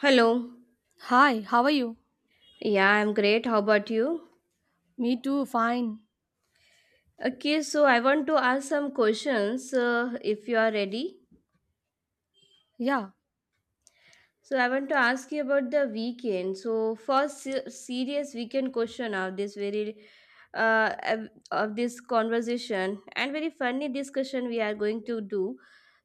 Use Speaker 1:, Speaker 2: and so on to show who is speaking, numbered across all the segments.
Speaker 1: Hello.
Speaker 2: Hi, how are you?
Speaker 1: Yeah, I'm great. How about you?
Speaker 2: Me too, fine.
Speaker 1: Okay, so I want to ask some questions, if you are ready.
Speaker 2: Yeah.
Speaker 1: So I want to ask you about the weekend. So first serious weekend question of this very of this conversation and very funny discussion we are going to do.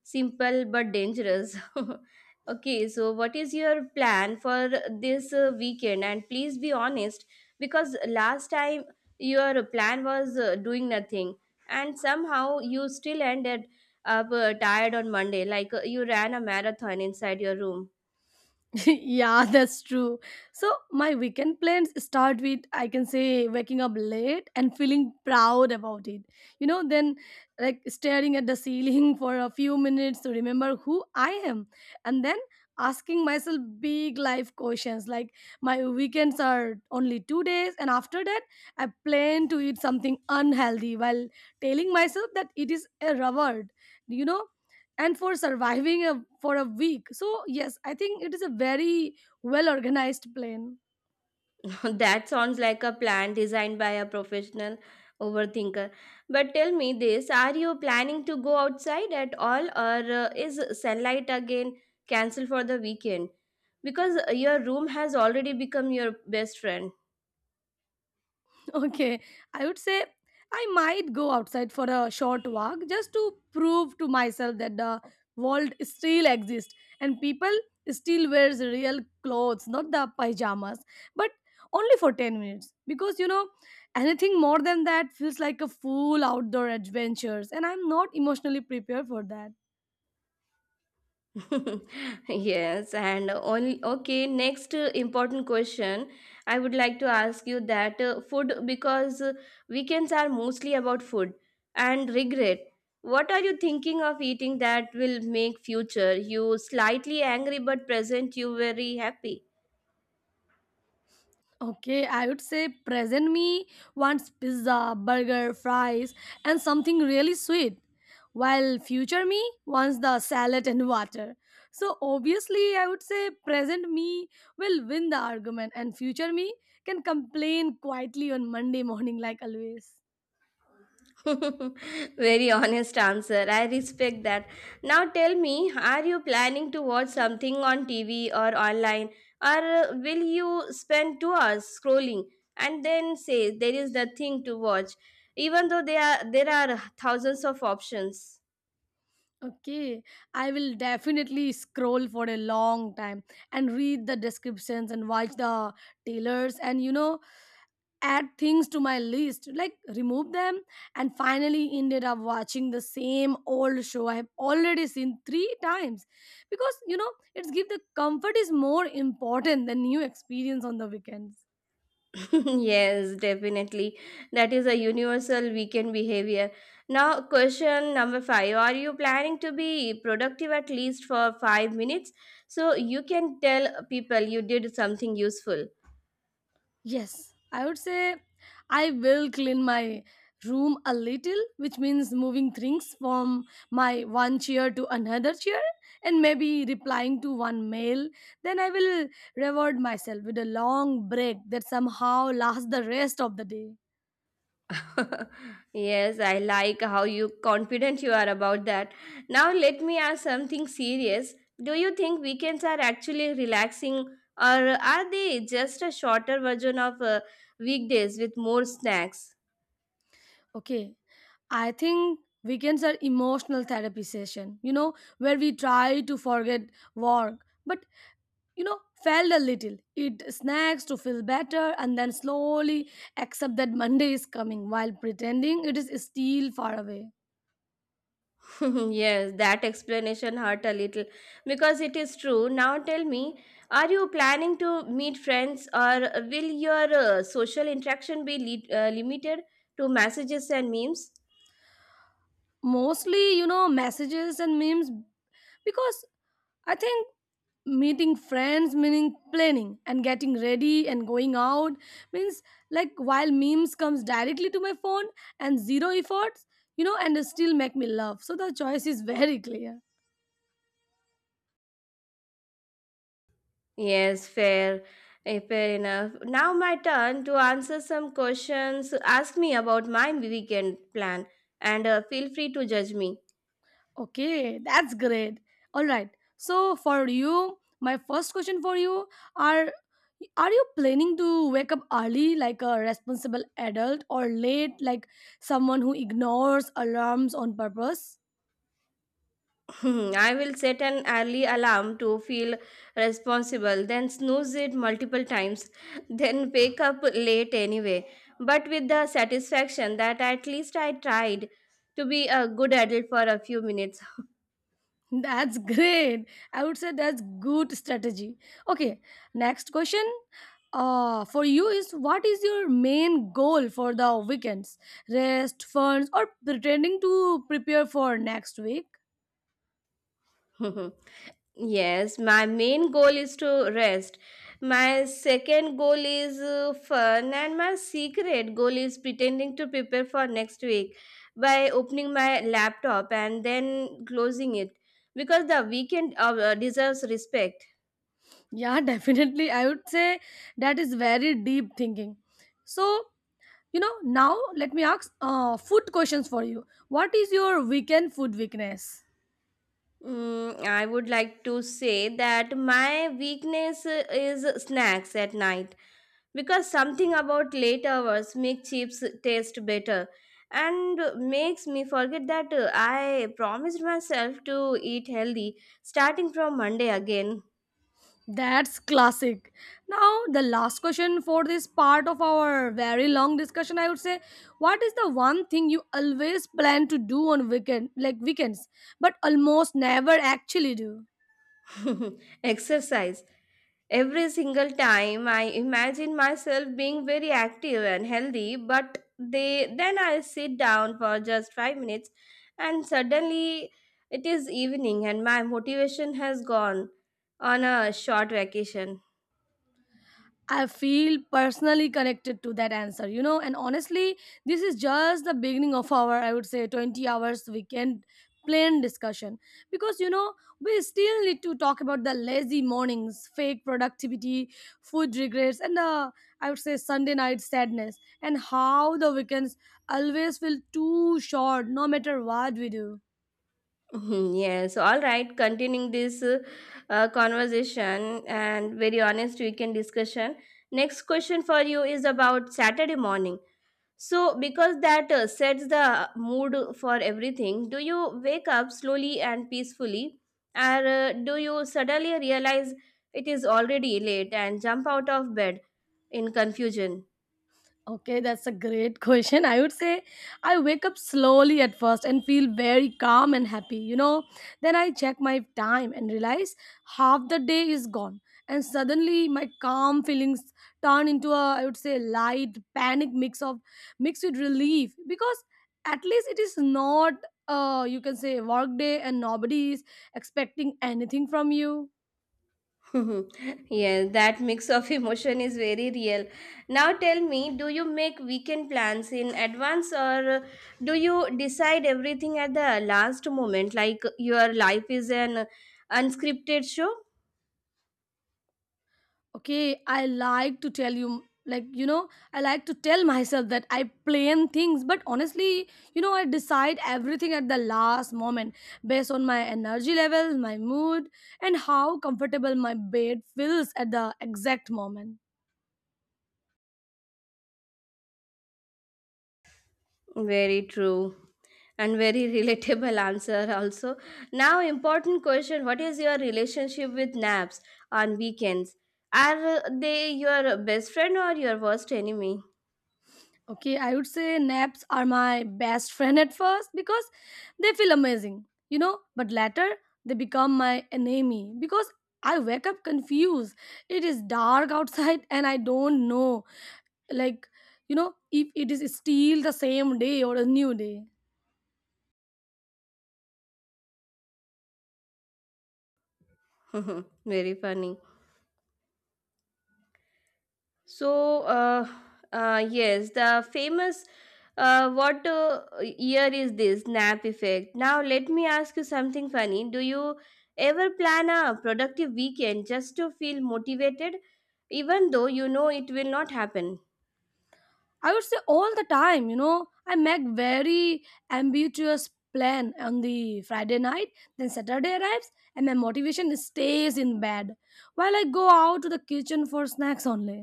Speaker 1: Simple but dangerous. Okay, so what is your plan for this weekend? And please be honest because last time your plan was doing nothing and somehow you still ended up tired on Monday, like you ran a marathon inside your room.
Speaker 2: Yeah, that's true. So, my weekend plans start with, I can say, waking up late and feeling proud about it. Then staring at the ceiling for a few minutes to remember who I am. And then asking myself big life questions like, my weekends are only 2 days. And after that, I plan to eat something unhealthy while telling myself that it is a reward. You know, and for surviving a, for a week. So, yes, I think it is a very well organized plan.
Speaker 1: That sounds like a plan designed by a professional overthinker. But tell me this, are you planning to go outside at all, or is sunlight again cancelled for the weekend? Because your room has already become your best friend.
Speaker 2: Okay, I would say I might go outside for a short walk just to prove to myself that the world still exists and people still wears real clothes, not the pajamas, but only for 10 minutes because anything more than that feels like a full outdoor adventures and I'm not emotionally prepared for that.
Speaker 1: Yes, and only okay. Next important question I would like to ask you that, food, because weekends are mostly about food and regret. What are you thinking of eating that will make future you slightly angry but present you very happy?
Speaker 2: Okay, I would say present me wants pizza, burger, fries, and something really sweet, while future me wants the salad and water. So obviously, I would say present me will win the argument, and future me can complain quietly on Monday morning, like always.
Speaker 1: Very honest answer. I respect that. Now tell me, are you planning to watch something on TV or online, or will you spend 2 hours scrolling and then say there is the thing to watch, even though there are thousands of options?
Speaker 2: Okay, I will definitely scroll for a long time and read the descriptions and watch the tailors and add things to my list, like remove them, and finally ended up watching the same old show I have already seen three times. Because you know, it's give the comfort is more important than new experience on the weekends.
Speaker 1: Yes, definitely. That is a universal weekend behavior. Now, question number five. Are you planning to be productive at least for 5 minutes so you can tell people you did something useful?
Speaker 2: Yes, I would say I will clean my room a little, which means moving things from my one chair to another chair and maybe replying to one mail. Then I will reward myself with a long break that somehow lasts the rest of the day.
Speaker 1: Yes, I like how you confident you are about that. Now, let me ask something serious. Do you think weekends are actually relaxing or are they just a shorter version of weekdays with more snacks?
Speaker 2: Okay, I think weekends are emotional therapy session, you know, where we try to forget work but felt a little, eat snacks to feel better, and then slowly accept that Monday is coming while pretending it is still far away.
Speaker 1: Yes, that explanation hurt a little because it is true. Now tell me, are you planning to meet friends or will your social interaction be limited to messages and memes?
Speaker 2: Mostly, you know, messages and memes because I think meeting friends meaning planning and getting ready and going out means like while memes comes directly to my phone and zero efforts and still make me laugh so the choice is very clear.
Speaker 1: Yes, fair. Fair enough. Now my turn to answer some questions. Ask me about my weekend plan and feel free to judge me.
Speaker 2: Okay, that's great. All right. So for you, my first question for you are are, you planning to wake up early like a responsible adult or late like someone who ignores alarms on purpose?
Speaker 1: Hmm, I will set an early alarm to feel responsible, then snooze it multiple times, then wake up late anyway, but with the satisfaction that at least I tried to be a good adult for a few minutes.
Speaker 2: That's great. I would say that's good strategy. Okay, next question. For you is what is your main goal for the weekends? Rest, funds, or pretending to prepare for next week?
Speaker 1: Yes, my main goal is to rest. My second goal is fun, and my secret goal is pretending to prepare for next week by opening my laptop and then closing it because the weekend deserves respect.
Speaker 2: Yeah, definitely. I would say that is very deep thinking. So, you know, now let me ask food questions for you. What is your weekend food weakness?
Speaker 1: Mm, I would like to say that my weakness is snacks at night, because something about late hours make chips taste better and makes me forget that I promised myself to eat healthy starting from monday again.
Speaker 2: That's classic. Now, the last question for this part of our very long discussion, I would say, what is the one thing you always plan to do on weekend, like weekends, but almost never actually do?
Speaker 1: Exercise. Every single time I imagine myself being very active and healthy, but they then I sit down for just 5 minutes and suddenly it is evening and my motivation has gone on a short vacation.
Speaker 2: I feel personally connected to that answer, you know, and honestly, this is just the beginning of our, I would say, 20 hours weekend plan discussion because you know we still need to talk about the lazy mornings fake productivity food regrets and I would say Sunday night sadness and how the weekends always feel too short no matter what we do.
Speaker 1: Mhm. Yes, all right. Continuing this conversation and very honest weekend discussion. Next question for you is about Saturday morning. So, because that sets the mood for everything, do you wake up slowly and peacefully, or do you suddenly realize it is already late and jump out of bed in confusion?
Speaker 2: Okay, that's a great question. I would say I wake up slowly at first and feel very calm and happy, you know. Then I check my time and realize half the day is gone. And suddenly my calm feelings turn into a I would say light panic mix of mixed with relief because at least it is not you can say work day and nobody is expecting anything from you.
Speaker 1: Yeah, that mix of emotion is very real. Now tell me, do you make weekend plans in advance or do you decide everything at the last moment, like your life is an unscripted show?
Speaker 2: Okay, I like to tell you like you know I like to tell myself that I plan things but honestly you know I decide everything at the last moment based on my energy level my mood and how comfortable my bed feels at the exact moment.
Speaker 1: Very true. And very relatable answer also. Now important question, what is your relationship with naps on weekends? Are they your best friend or your worst enemy?
Speaker 2: Okay, I would say naps are my best friend at first because they feel amazing you know but later they become my enemy because I wake up confused, it is dark outside and I don't know like you know if it is still the same day or a new day.
Speaker 1: Very funny. So, yes, the famous what year is this nap effect? Now, let me ask you something funny. Do you ever plan a productive weekend just to feel motivated, even though you know it will not happen?
Speaker 2: I would say all the time you know I make very ambitious plan on the Friday night then Saturday arrives and my motivation stays in bed while I go out to the kitchen for snacks only.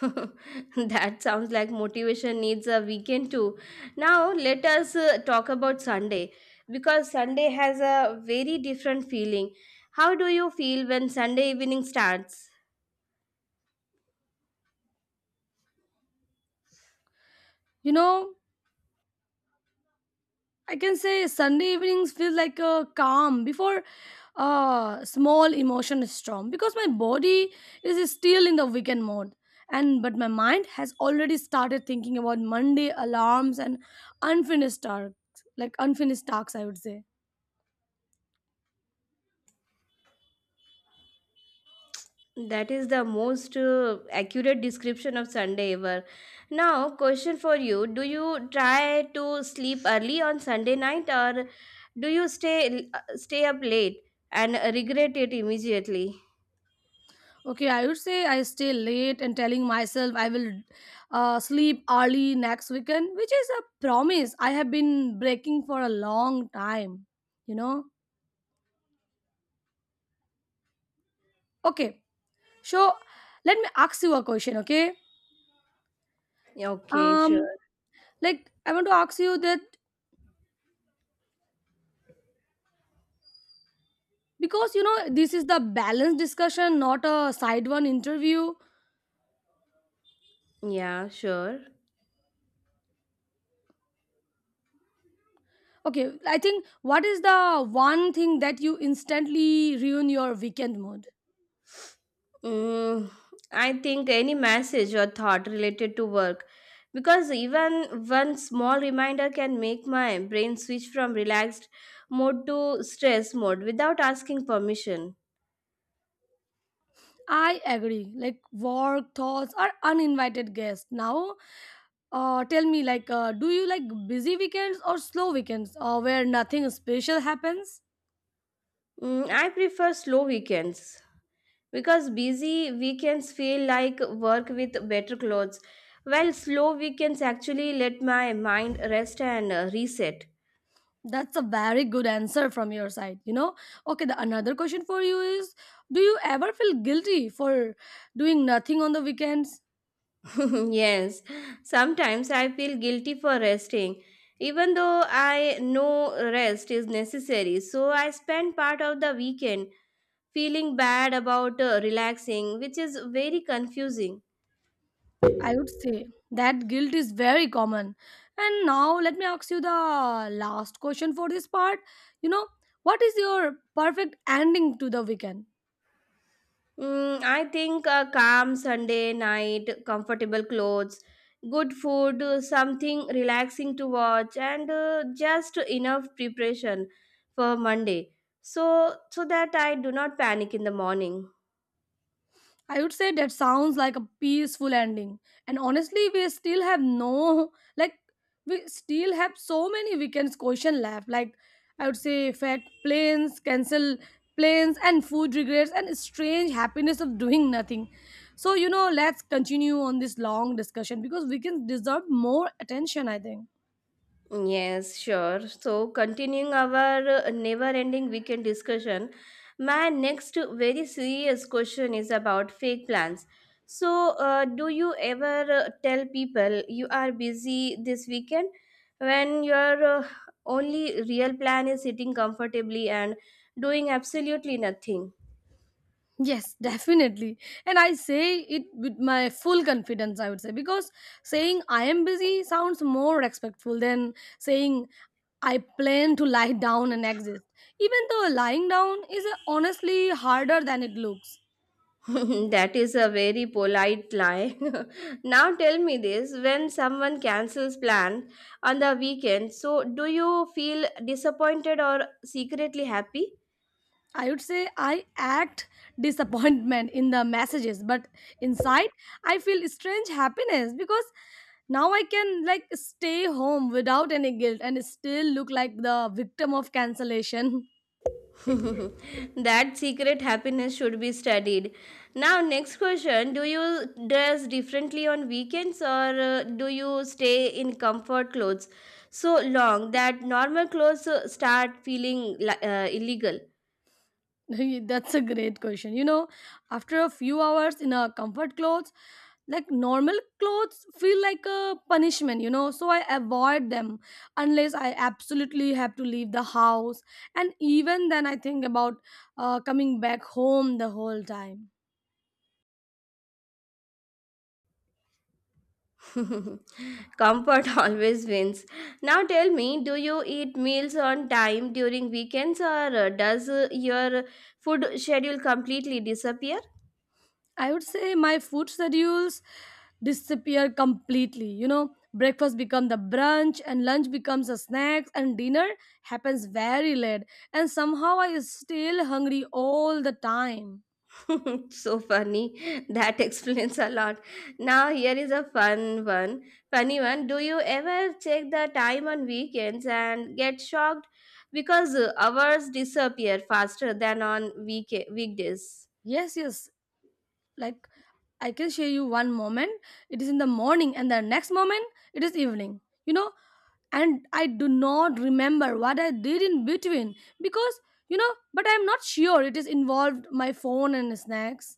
Speaker 1: That sounds like motivation needs a weekend too. Now, let us talk about Sunday because Sunday has a very different feeling. How do you feel when Sunday evening starts?
Speaker 2: You know I can say Sunday evenings feel like a calm before a small emotion storm because my body is still in the weekend mode and but my mind has already started thinking about Monday alarms and unfinished tasks like unfinished tasks I would say.
Speaker 1: That is the most accurate description of Sunday ever. Now, question for you. Do you try to sleep early on Sunday night or do you stay up late and regret it immediately?
Speaker 2: Okay, I would say I stay late and telling myself I will sleep early next weekend, which is a promise I have been breaking for a long time, you know. Okay, so let me ask you a question, okay?
Speaker 1: Okay,
Speaker 2: Um,
Speaker 1: sure.
Speaker 2: like I want to ask you that because you know this is the balanced discussion, not a side one interview.
Speaker 1: Yeah, sure.
Speaker 2: Okay, I think what is the one thing that you instantly ruin your weekend mood?
Speaker 1: Mm, I think any message or thought related to work, because even one small reminder can make my brain switch from relaxed mode to stress mode without asking permission.
Speaker 2: I agree. Like work thoughts or uninvited guests. Now, tell me, like, do you like busy weekends or slow weekends, or where nothing special happens?
Speaker 1: Mm, I prefer slow weekends because busy weekends feel like work with better clothes, while slow weekends actually let my mind rest and reset.
Speaker 2: That's a very good answer from your side, you know. Okay, the another question for you is do you ever feel guilty for doing nothing on the weekends?
Speaker 1: Yes, sometimes I feel guilty for resting, even though I know rest is necessary. So I spend part of the weekend feeling bad about relaxing, which is very confusing.
Speaker 2: I would say that guilt is very common. And now let me ask you the last question for this part. You know, what is your perfect ending to the weekend?
Speaker 1: Mm, I think a calm Sunday night, comfortable clothes, good food, something relaxing to watch, and just enough preparation for Monday, so so that I do not panic in the morning.
Speaker 2: I would say that sounds like a peaceful ending. And honestly, we still have no like we still have so many weekends question left. Like I would say fact planes, cancel planes and food regrets and strange happiness of doing nothing. So you know, let's continue on this long discussion because weekends deserve more attention, I think.
Speaker 1: Yes, sure. So, continuing our never ending weekend discussion, my next very serious question is about fake plans. So, do you ever tell people you are busy this weekend when your only real plan is sitting comfortably and doing absolutely nothing?
Speaker 2: Yes, definitely. And I say it with my full confidence, I would say, because saying I am busy sounds more respectful than saying I plan to lie down and exist. Even though lying down is honestly harder than it looks.
Speaker 1: That is a very polite lie. Now tell me this, when someone cancels plan on the weekend, so do you feel disappointed or secretly happy?
Speaker 2: I would say I act disappointment in the messages, but inside I feel strange happiness because now I can like stay home without any guilt and still look like the victim of cancellation.
Speaker 1: That secret happiness should be studied. Now next question, do you dress differently on weekends or do you stay in comfort clothes so long that normal clothes start feeling illegal?
Speaker 2: That's a great question. You know, after a few hours in our comfort clothes, like normal clothes feel like a punishment, you know, so I avoid them unless I absolutely have to leave the house. And even then, I think about coming back home the whole time.
Speaker 1: Comfort always wins. Now tell me, do you eat meals on time during weekends or does your food schedule completely disappear?
Speaker 2: I would say my food schedules disappear completely. You know, breakfast become the brunch and lunch becomes a snack and dinner happens very late and somehow I still hungry all the time.
Speaker 1: So funny. That explains a lot. Now here is a fun one. Funny one. Do you ever check the time on weekends and get shocked because hours disappear faster than on weekdays?
Speaker 2: Yes, yes. Like I can share you one moment it is in the morning and the next moment it is evening. You know, and I do not remember what I did in between because you know, but I'm not sure it is involved my phone and snacks.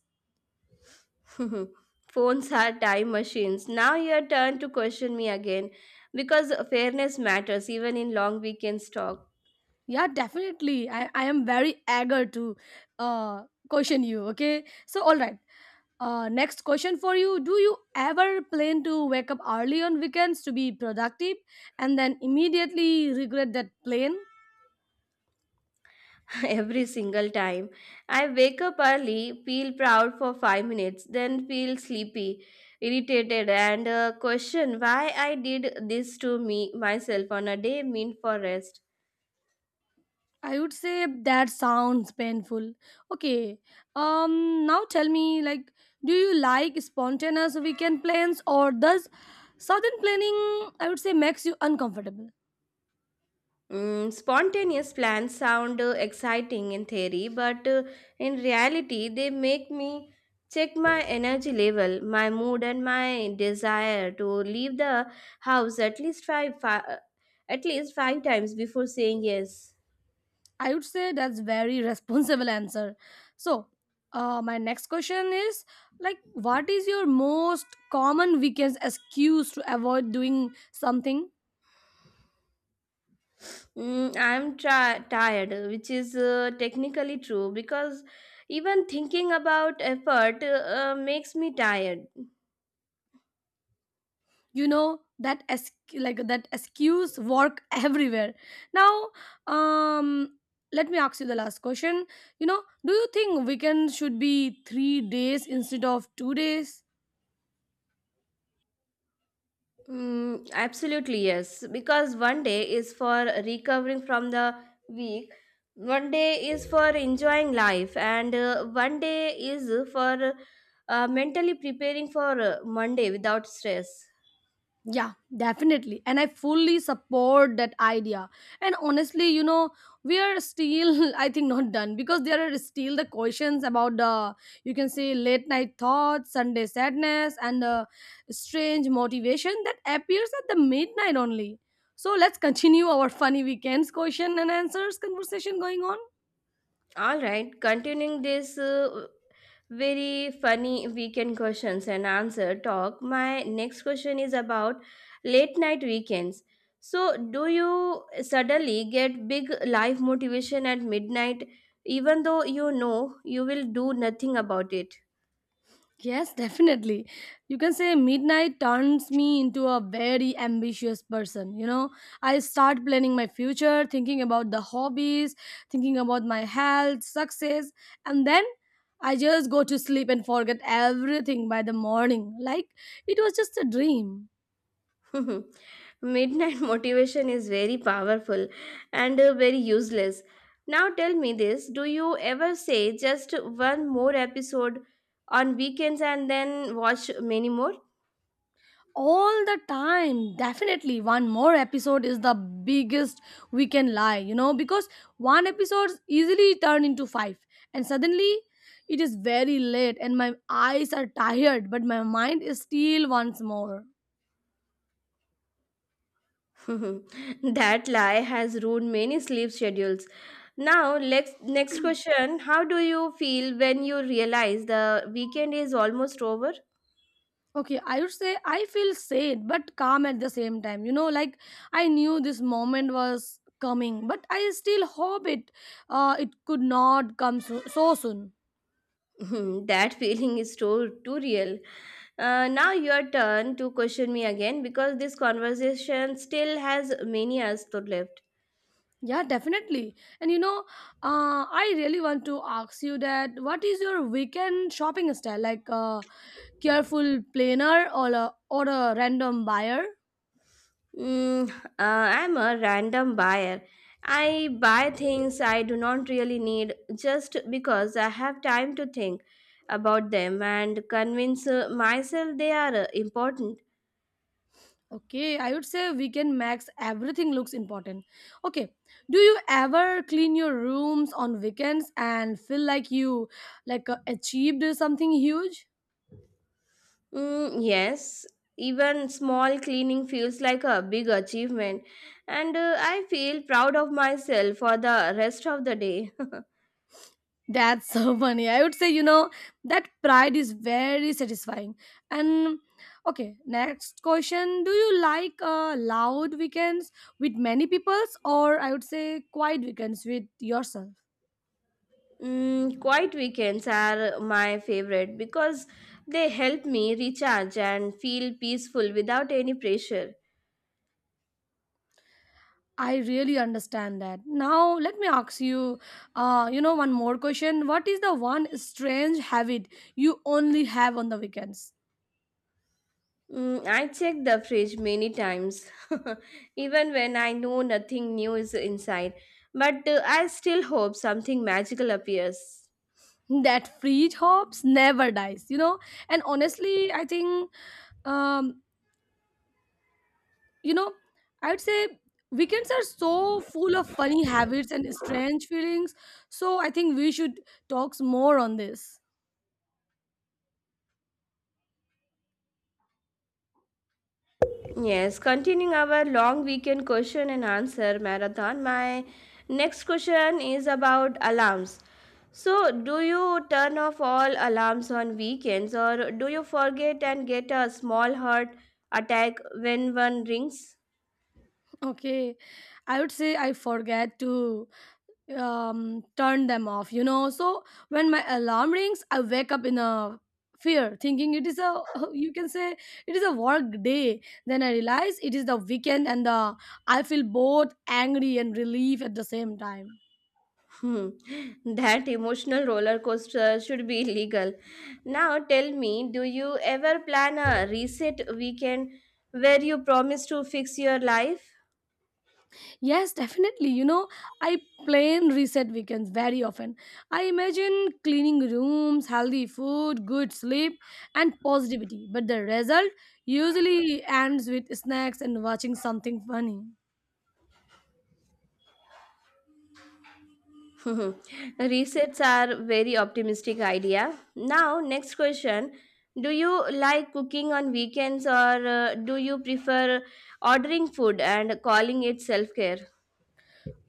Speaker 1: Phones are time machines. Now your turn to question me again because fairness matters even in long weekends talk.
Speaker 2: Yeah, definitely. I am very eager to uh, question you. Okay. So, all right. Next question for you. Do you ever plan to wake up early on weekends to be productive and then immediately regret that plan?
Speaker 1: Every single time. I wake up early, feel proud for 5 minutes, then feel sleepy, irritated, and question why I did this to me myself on a day meant for rest.
Speaker 2: I would say that sounds painful. Okay. Now tell me, like, do you like spontaneous weekend plans or does sudden planning, I would say, makes you uncomfortable?
Speaker 1: Mm, spontaneous plans sound exciting in theory, but in reality, they make me check my energy level, my mood, and my desire to leave the house at least at least five times before saying yes.
Speaker 2: I would say that's very responsible answer. So, my next question is like, what is your most common weekends excuse to avoid doing something?
Speaker 1: Mm, I'm tired, which is technically true because even thinking about effort makes me tired.
Speaker 2: You know that like that excuse work everywhere. Now, um, let me ask you the last question. You know, do you think weekend should be 3 days instead of 2 days?
Speaker 1: Mm, absolutely, yes. Because one day is for recovering from the week, one day is for enjoying life, and one day is for mentally preparing for Monday without stress.
Speaker 2: Yeah, definitely. And I fully support that idea. And honestly, you know, we are still, I think, not done because there are still the questions about the, you can say, late night thoughts, Sunday sadness, and strange motivation that appears at the midnight only. So let's continue our funny weekends question and answers conversation going on.
Speaker 1: All right, continuing this very funny weekend questions and answer talk, my next question is about late night weekends. So, do you suddenly get big life motivation at midnight, even though you know you will do nothing about it?
Speaker 2: Yes, definitely. You can say midnight turns me into a very ambitious person. You know, I start planning my future, thinking about the hobbies, thinking about my health, success, and then I just go to sleep and forget everything by the morning. Like it was just a dream.
Speaker 1: Midnight motivation is very powerful and very useless. Now tell me this, do you ever say just one more episode on weekends and then watch many more?
Speaker 2: All the time, definitely. One more episode is the biggest we can lie, you know, because one episode easily turn into five and suddenly it is very late and my eyes are tired but my mind is still once more.
Speaker 1: That lie has ruined many sleep schedules. Now, next question. How do you feel when you realize the weekend is almost over?
Speaker 2: Okay, I would say I feel sad but calm at the same time, you know, like I knew this moment was coming but I still hope it it could not come so soon.
Speaker 1: Hmm, that feeling is so too real. Now your turn to question me again because this conversation still has many years to left.
Speaker 2: Yeah, definitely. And you know, I really want to ask you that what is your weekend shopping style? Like a careful planner or a random buyer?
Speaker 1: Mm, I'm a random buyer. I buy things I do not really need just because I have time to think about them and convince myself they are important.
Speaker 2: Okay, I would say weekend max everything looks important. Okay, do you ever clean your rooms on weekends and feel like you like achieved something huge?
Speaker 1: Mm, yes, even small cleaning feels like a big achievement, and I feel proud of myself for the rest of the day.
Speaker 2: That's so funny. I would say, you know, that pride is very satisfying. And okay, next question. Do you like loud weekends with many peoples, or I would say quiet weekends with yourself?
Speaker 1: Mm, quiet weekends are my favorite because they help me recharge and feel peaceful without any pressure.
Speaker 2: I really understand that. Now, let me ask you, you know, one more question. What is the one strange habit you only have on the weekends?
Speaker 1: Mm, I check the fridge many times, even when I know nothing new is inside, but I still hope something magical appears.
Speaker 2: That free hops never dies, you know? And honestly, I think um you know, I would say weekends are so full of funny habits and strange feelings. So I think we should talk more on this.
Speaker 1: Yes, continuing our long weekend question and answer marathon, my next question is about alarms. So, do you turn off all alarms on weekends or do you forget and get a small heart attack when one rings?
Speaker 2: Okay. I would say I forget to turn them off, you know, so when my alarm rings I wake up in a fear thinking it is a you can say it is a work day, then I realize it is the weekend and the I feel both angry and relief at the same time.
Speaker 1: Hmm, that emotional roller coaster should be illegal. Now, tell me, do you ever plan a reset weekend where you promise to fix your life?
Speaker 2: Yes, definitely. You know, I plan reset weekends very often. I imagine cleaning rooms, healthy food, good sleep, and positivity. But the result usually ends with snacks and watching something funny.
Speaker 1: Resets are very optimistic idea. Now, next question. Do you like cooking on weekends or do you prefer ordering food and calling it self-care?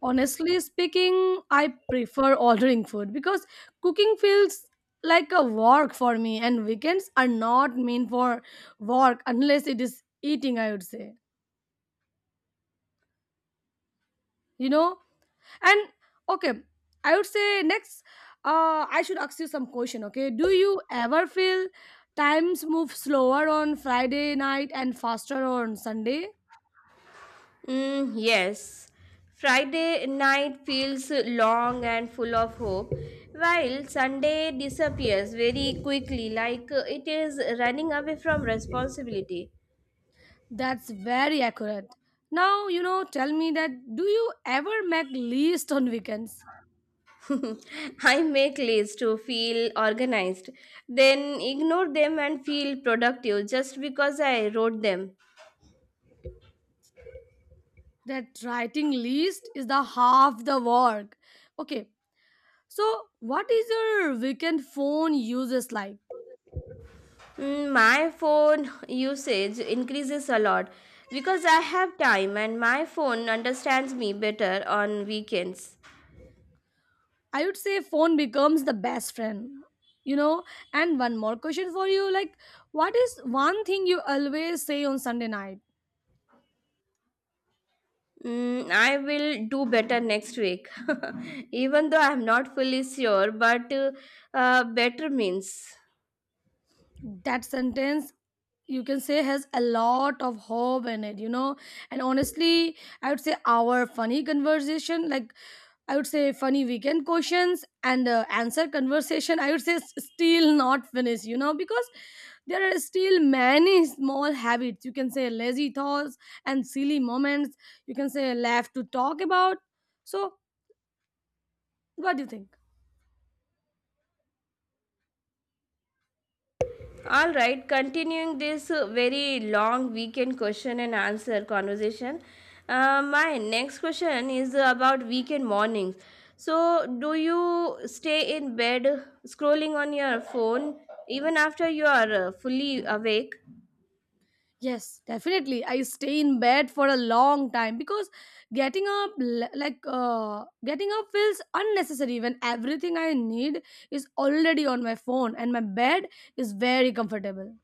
Speaker 2: Honestly speaking, I prefer ordering food because cooking feels like a work for me, and weekends are not meant for work unless it is eating, I would say. You know, and okay, I would say next, I should ask you some question. Okay, do you ever feel times move slower on Friday night and faster on Sunday?
Speaker 1: Mm, yes. Friday night feels long and full of hope, while Sunday disappears very quickly, like it is running away from responsibility.
Speaker 2: That's very accurate. Now you know. Tell me that. Do you ever make list on weekends?
Speaker 1: I make lists to feel organized, then ignore them and feel productive just because I wrote them.
Speaker 2: That writing list is the half the work. Okay, so what is your weekend phone uses like?
Speaker 1: Mm, my phone usage increases a lot because I have time and my phone understands me better on weekends.
Speaker 2: I would say phone becomes the best friend. You know, and one more question for you like, what is one thing you always say on Sunday night?
Speaker 1: Mm, I will do better next week, even though I'm not fully sure, but better means.
Speaker 2: That sentence you can say has a lot of hope in it, you know. And honestly, I would say our funny conversation, like I would say funny weekend questions and answer conversation. I would say still not finished, you know, because there are still many small habits. You can say lazy thoughts and silly moments. You can say laugh to talk about. So, what do you think?
Speaker 1: All right, continuing this very long weekend question and answer conversation. My next question is about weekend mornings. So, do you stay in bed scrolling on your phone even after you are fully awake?
Speaker 2: Yes, definitely. I stay in bed for a long time because getting up, getting up, feels unnecessary when everything I need is already on my phone and my bed is very comfortable.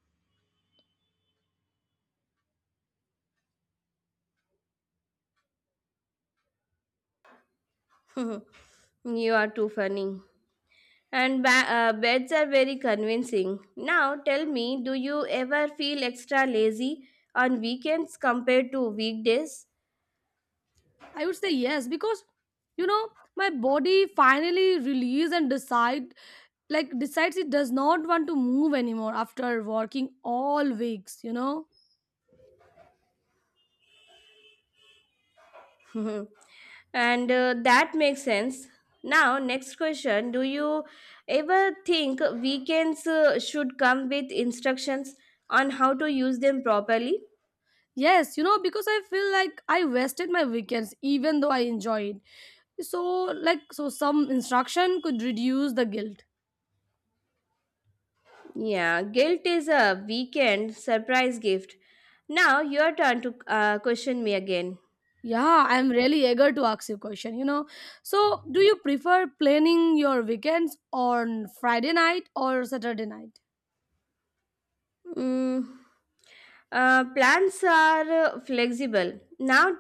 Speaker 1: You are too funny. And beds are very convincing. Now, tell me, do you ever feel extra lazy on weekends compared to weekdays?
Speaker 2: I would say yes because, you know, my body finally release and decide, decides it does not want to move anymore after working all weeks, you know.
Speaker 1: Mhm. And that makes sense. Now, next question. Do you ever think weekends should come with instructions on how to use them properly?
Speaker 2: Yes, you know, because I feel like I wasted my weekends even though I enjoyed, so so some instruction could reduce the guilt.
Speaker 1: Yeah, guilt is a weekend surprise gift. Now, your turn to question me again.
Speaker 2: Yeah, I'm really eager to ask you a question, you know. So do you prefer planning your weekends on Friday night or Saturday night?
Speaker 1: Mm, plans are flexible. Now,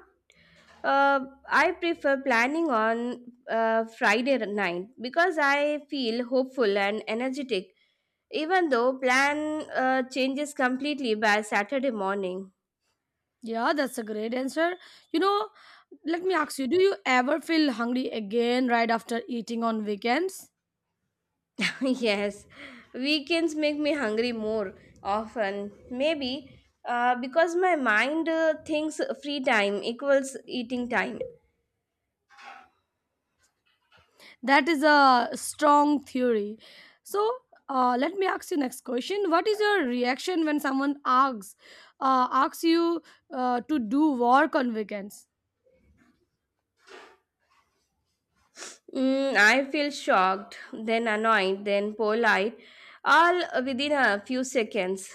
Speaker 1: uh, I prefer planning on Friday night because I feel hopeful and energetic, even though plan changes completely by saturday morning.
Speaker 2: Yeah, that's a great answer. You know, let me ask you, do you ever feel hungry again right after eating on weekends?
Speaker 1: Yes, weekends make me hungry more often, maybe because my mind thinks free time equals eating time.
Speaker 2: That is a strong theory. So, let me ask you next question. What is your reaction when someone asks you to do work on weekends?
Speaker 1: Mm, I feel shocked, then annoyed, then polite, all within a few seconds.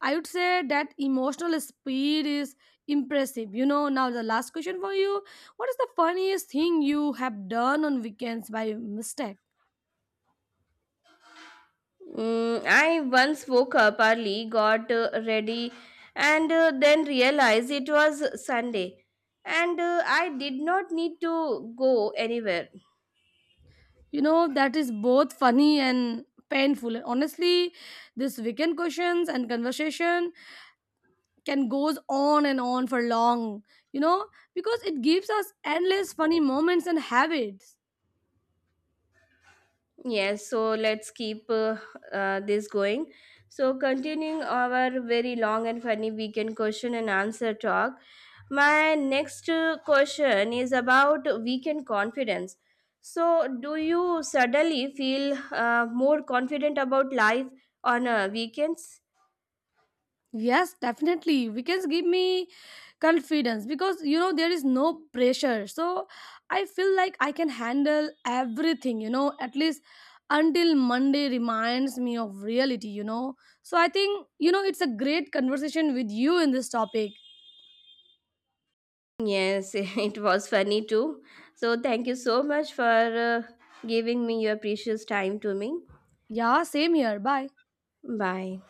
Speaker 2: I would say that emotional speed is impressive. You know, now the last question for you. What is the funniest thing you have done on weekends by mistake?
Speaker 1: Mm, I once woke up early, got ready, and then realized it was Sunday. And I did not need to go anywhere.
Speaker 2: You know, that is both funny and painful. And honestly, this weekend questions and conversation can goes on and on for long, you know, because it gives us endless funny moments and habits.
Speaker 1: Yes, so let's keep this going. So, continuing our very long and funny weekend question and answer talk, my next question is about weekend confidence. So, do you suddenly feel more confident about life on weekends?
Speaker 2: Yes, definitely. Weekends give me confidence because, you know, there is no pressure. So I feel like I can handle everything, you know, at least until Monday reminds me of reality, you know. So I think, you know, it's a great conversation with you in this topic.
Speaker 1: Yes, it was funny too. So, thank you so much for giving me your precious time to me.
Speaker 2: Yeah, same here. Bye.
Speaker 1: Bye.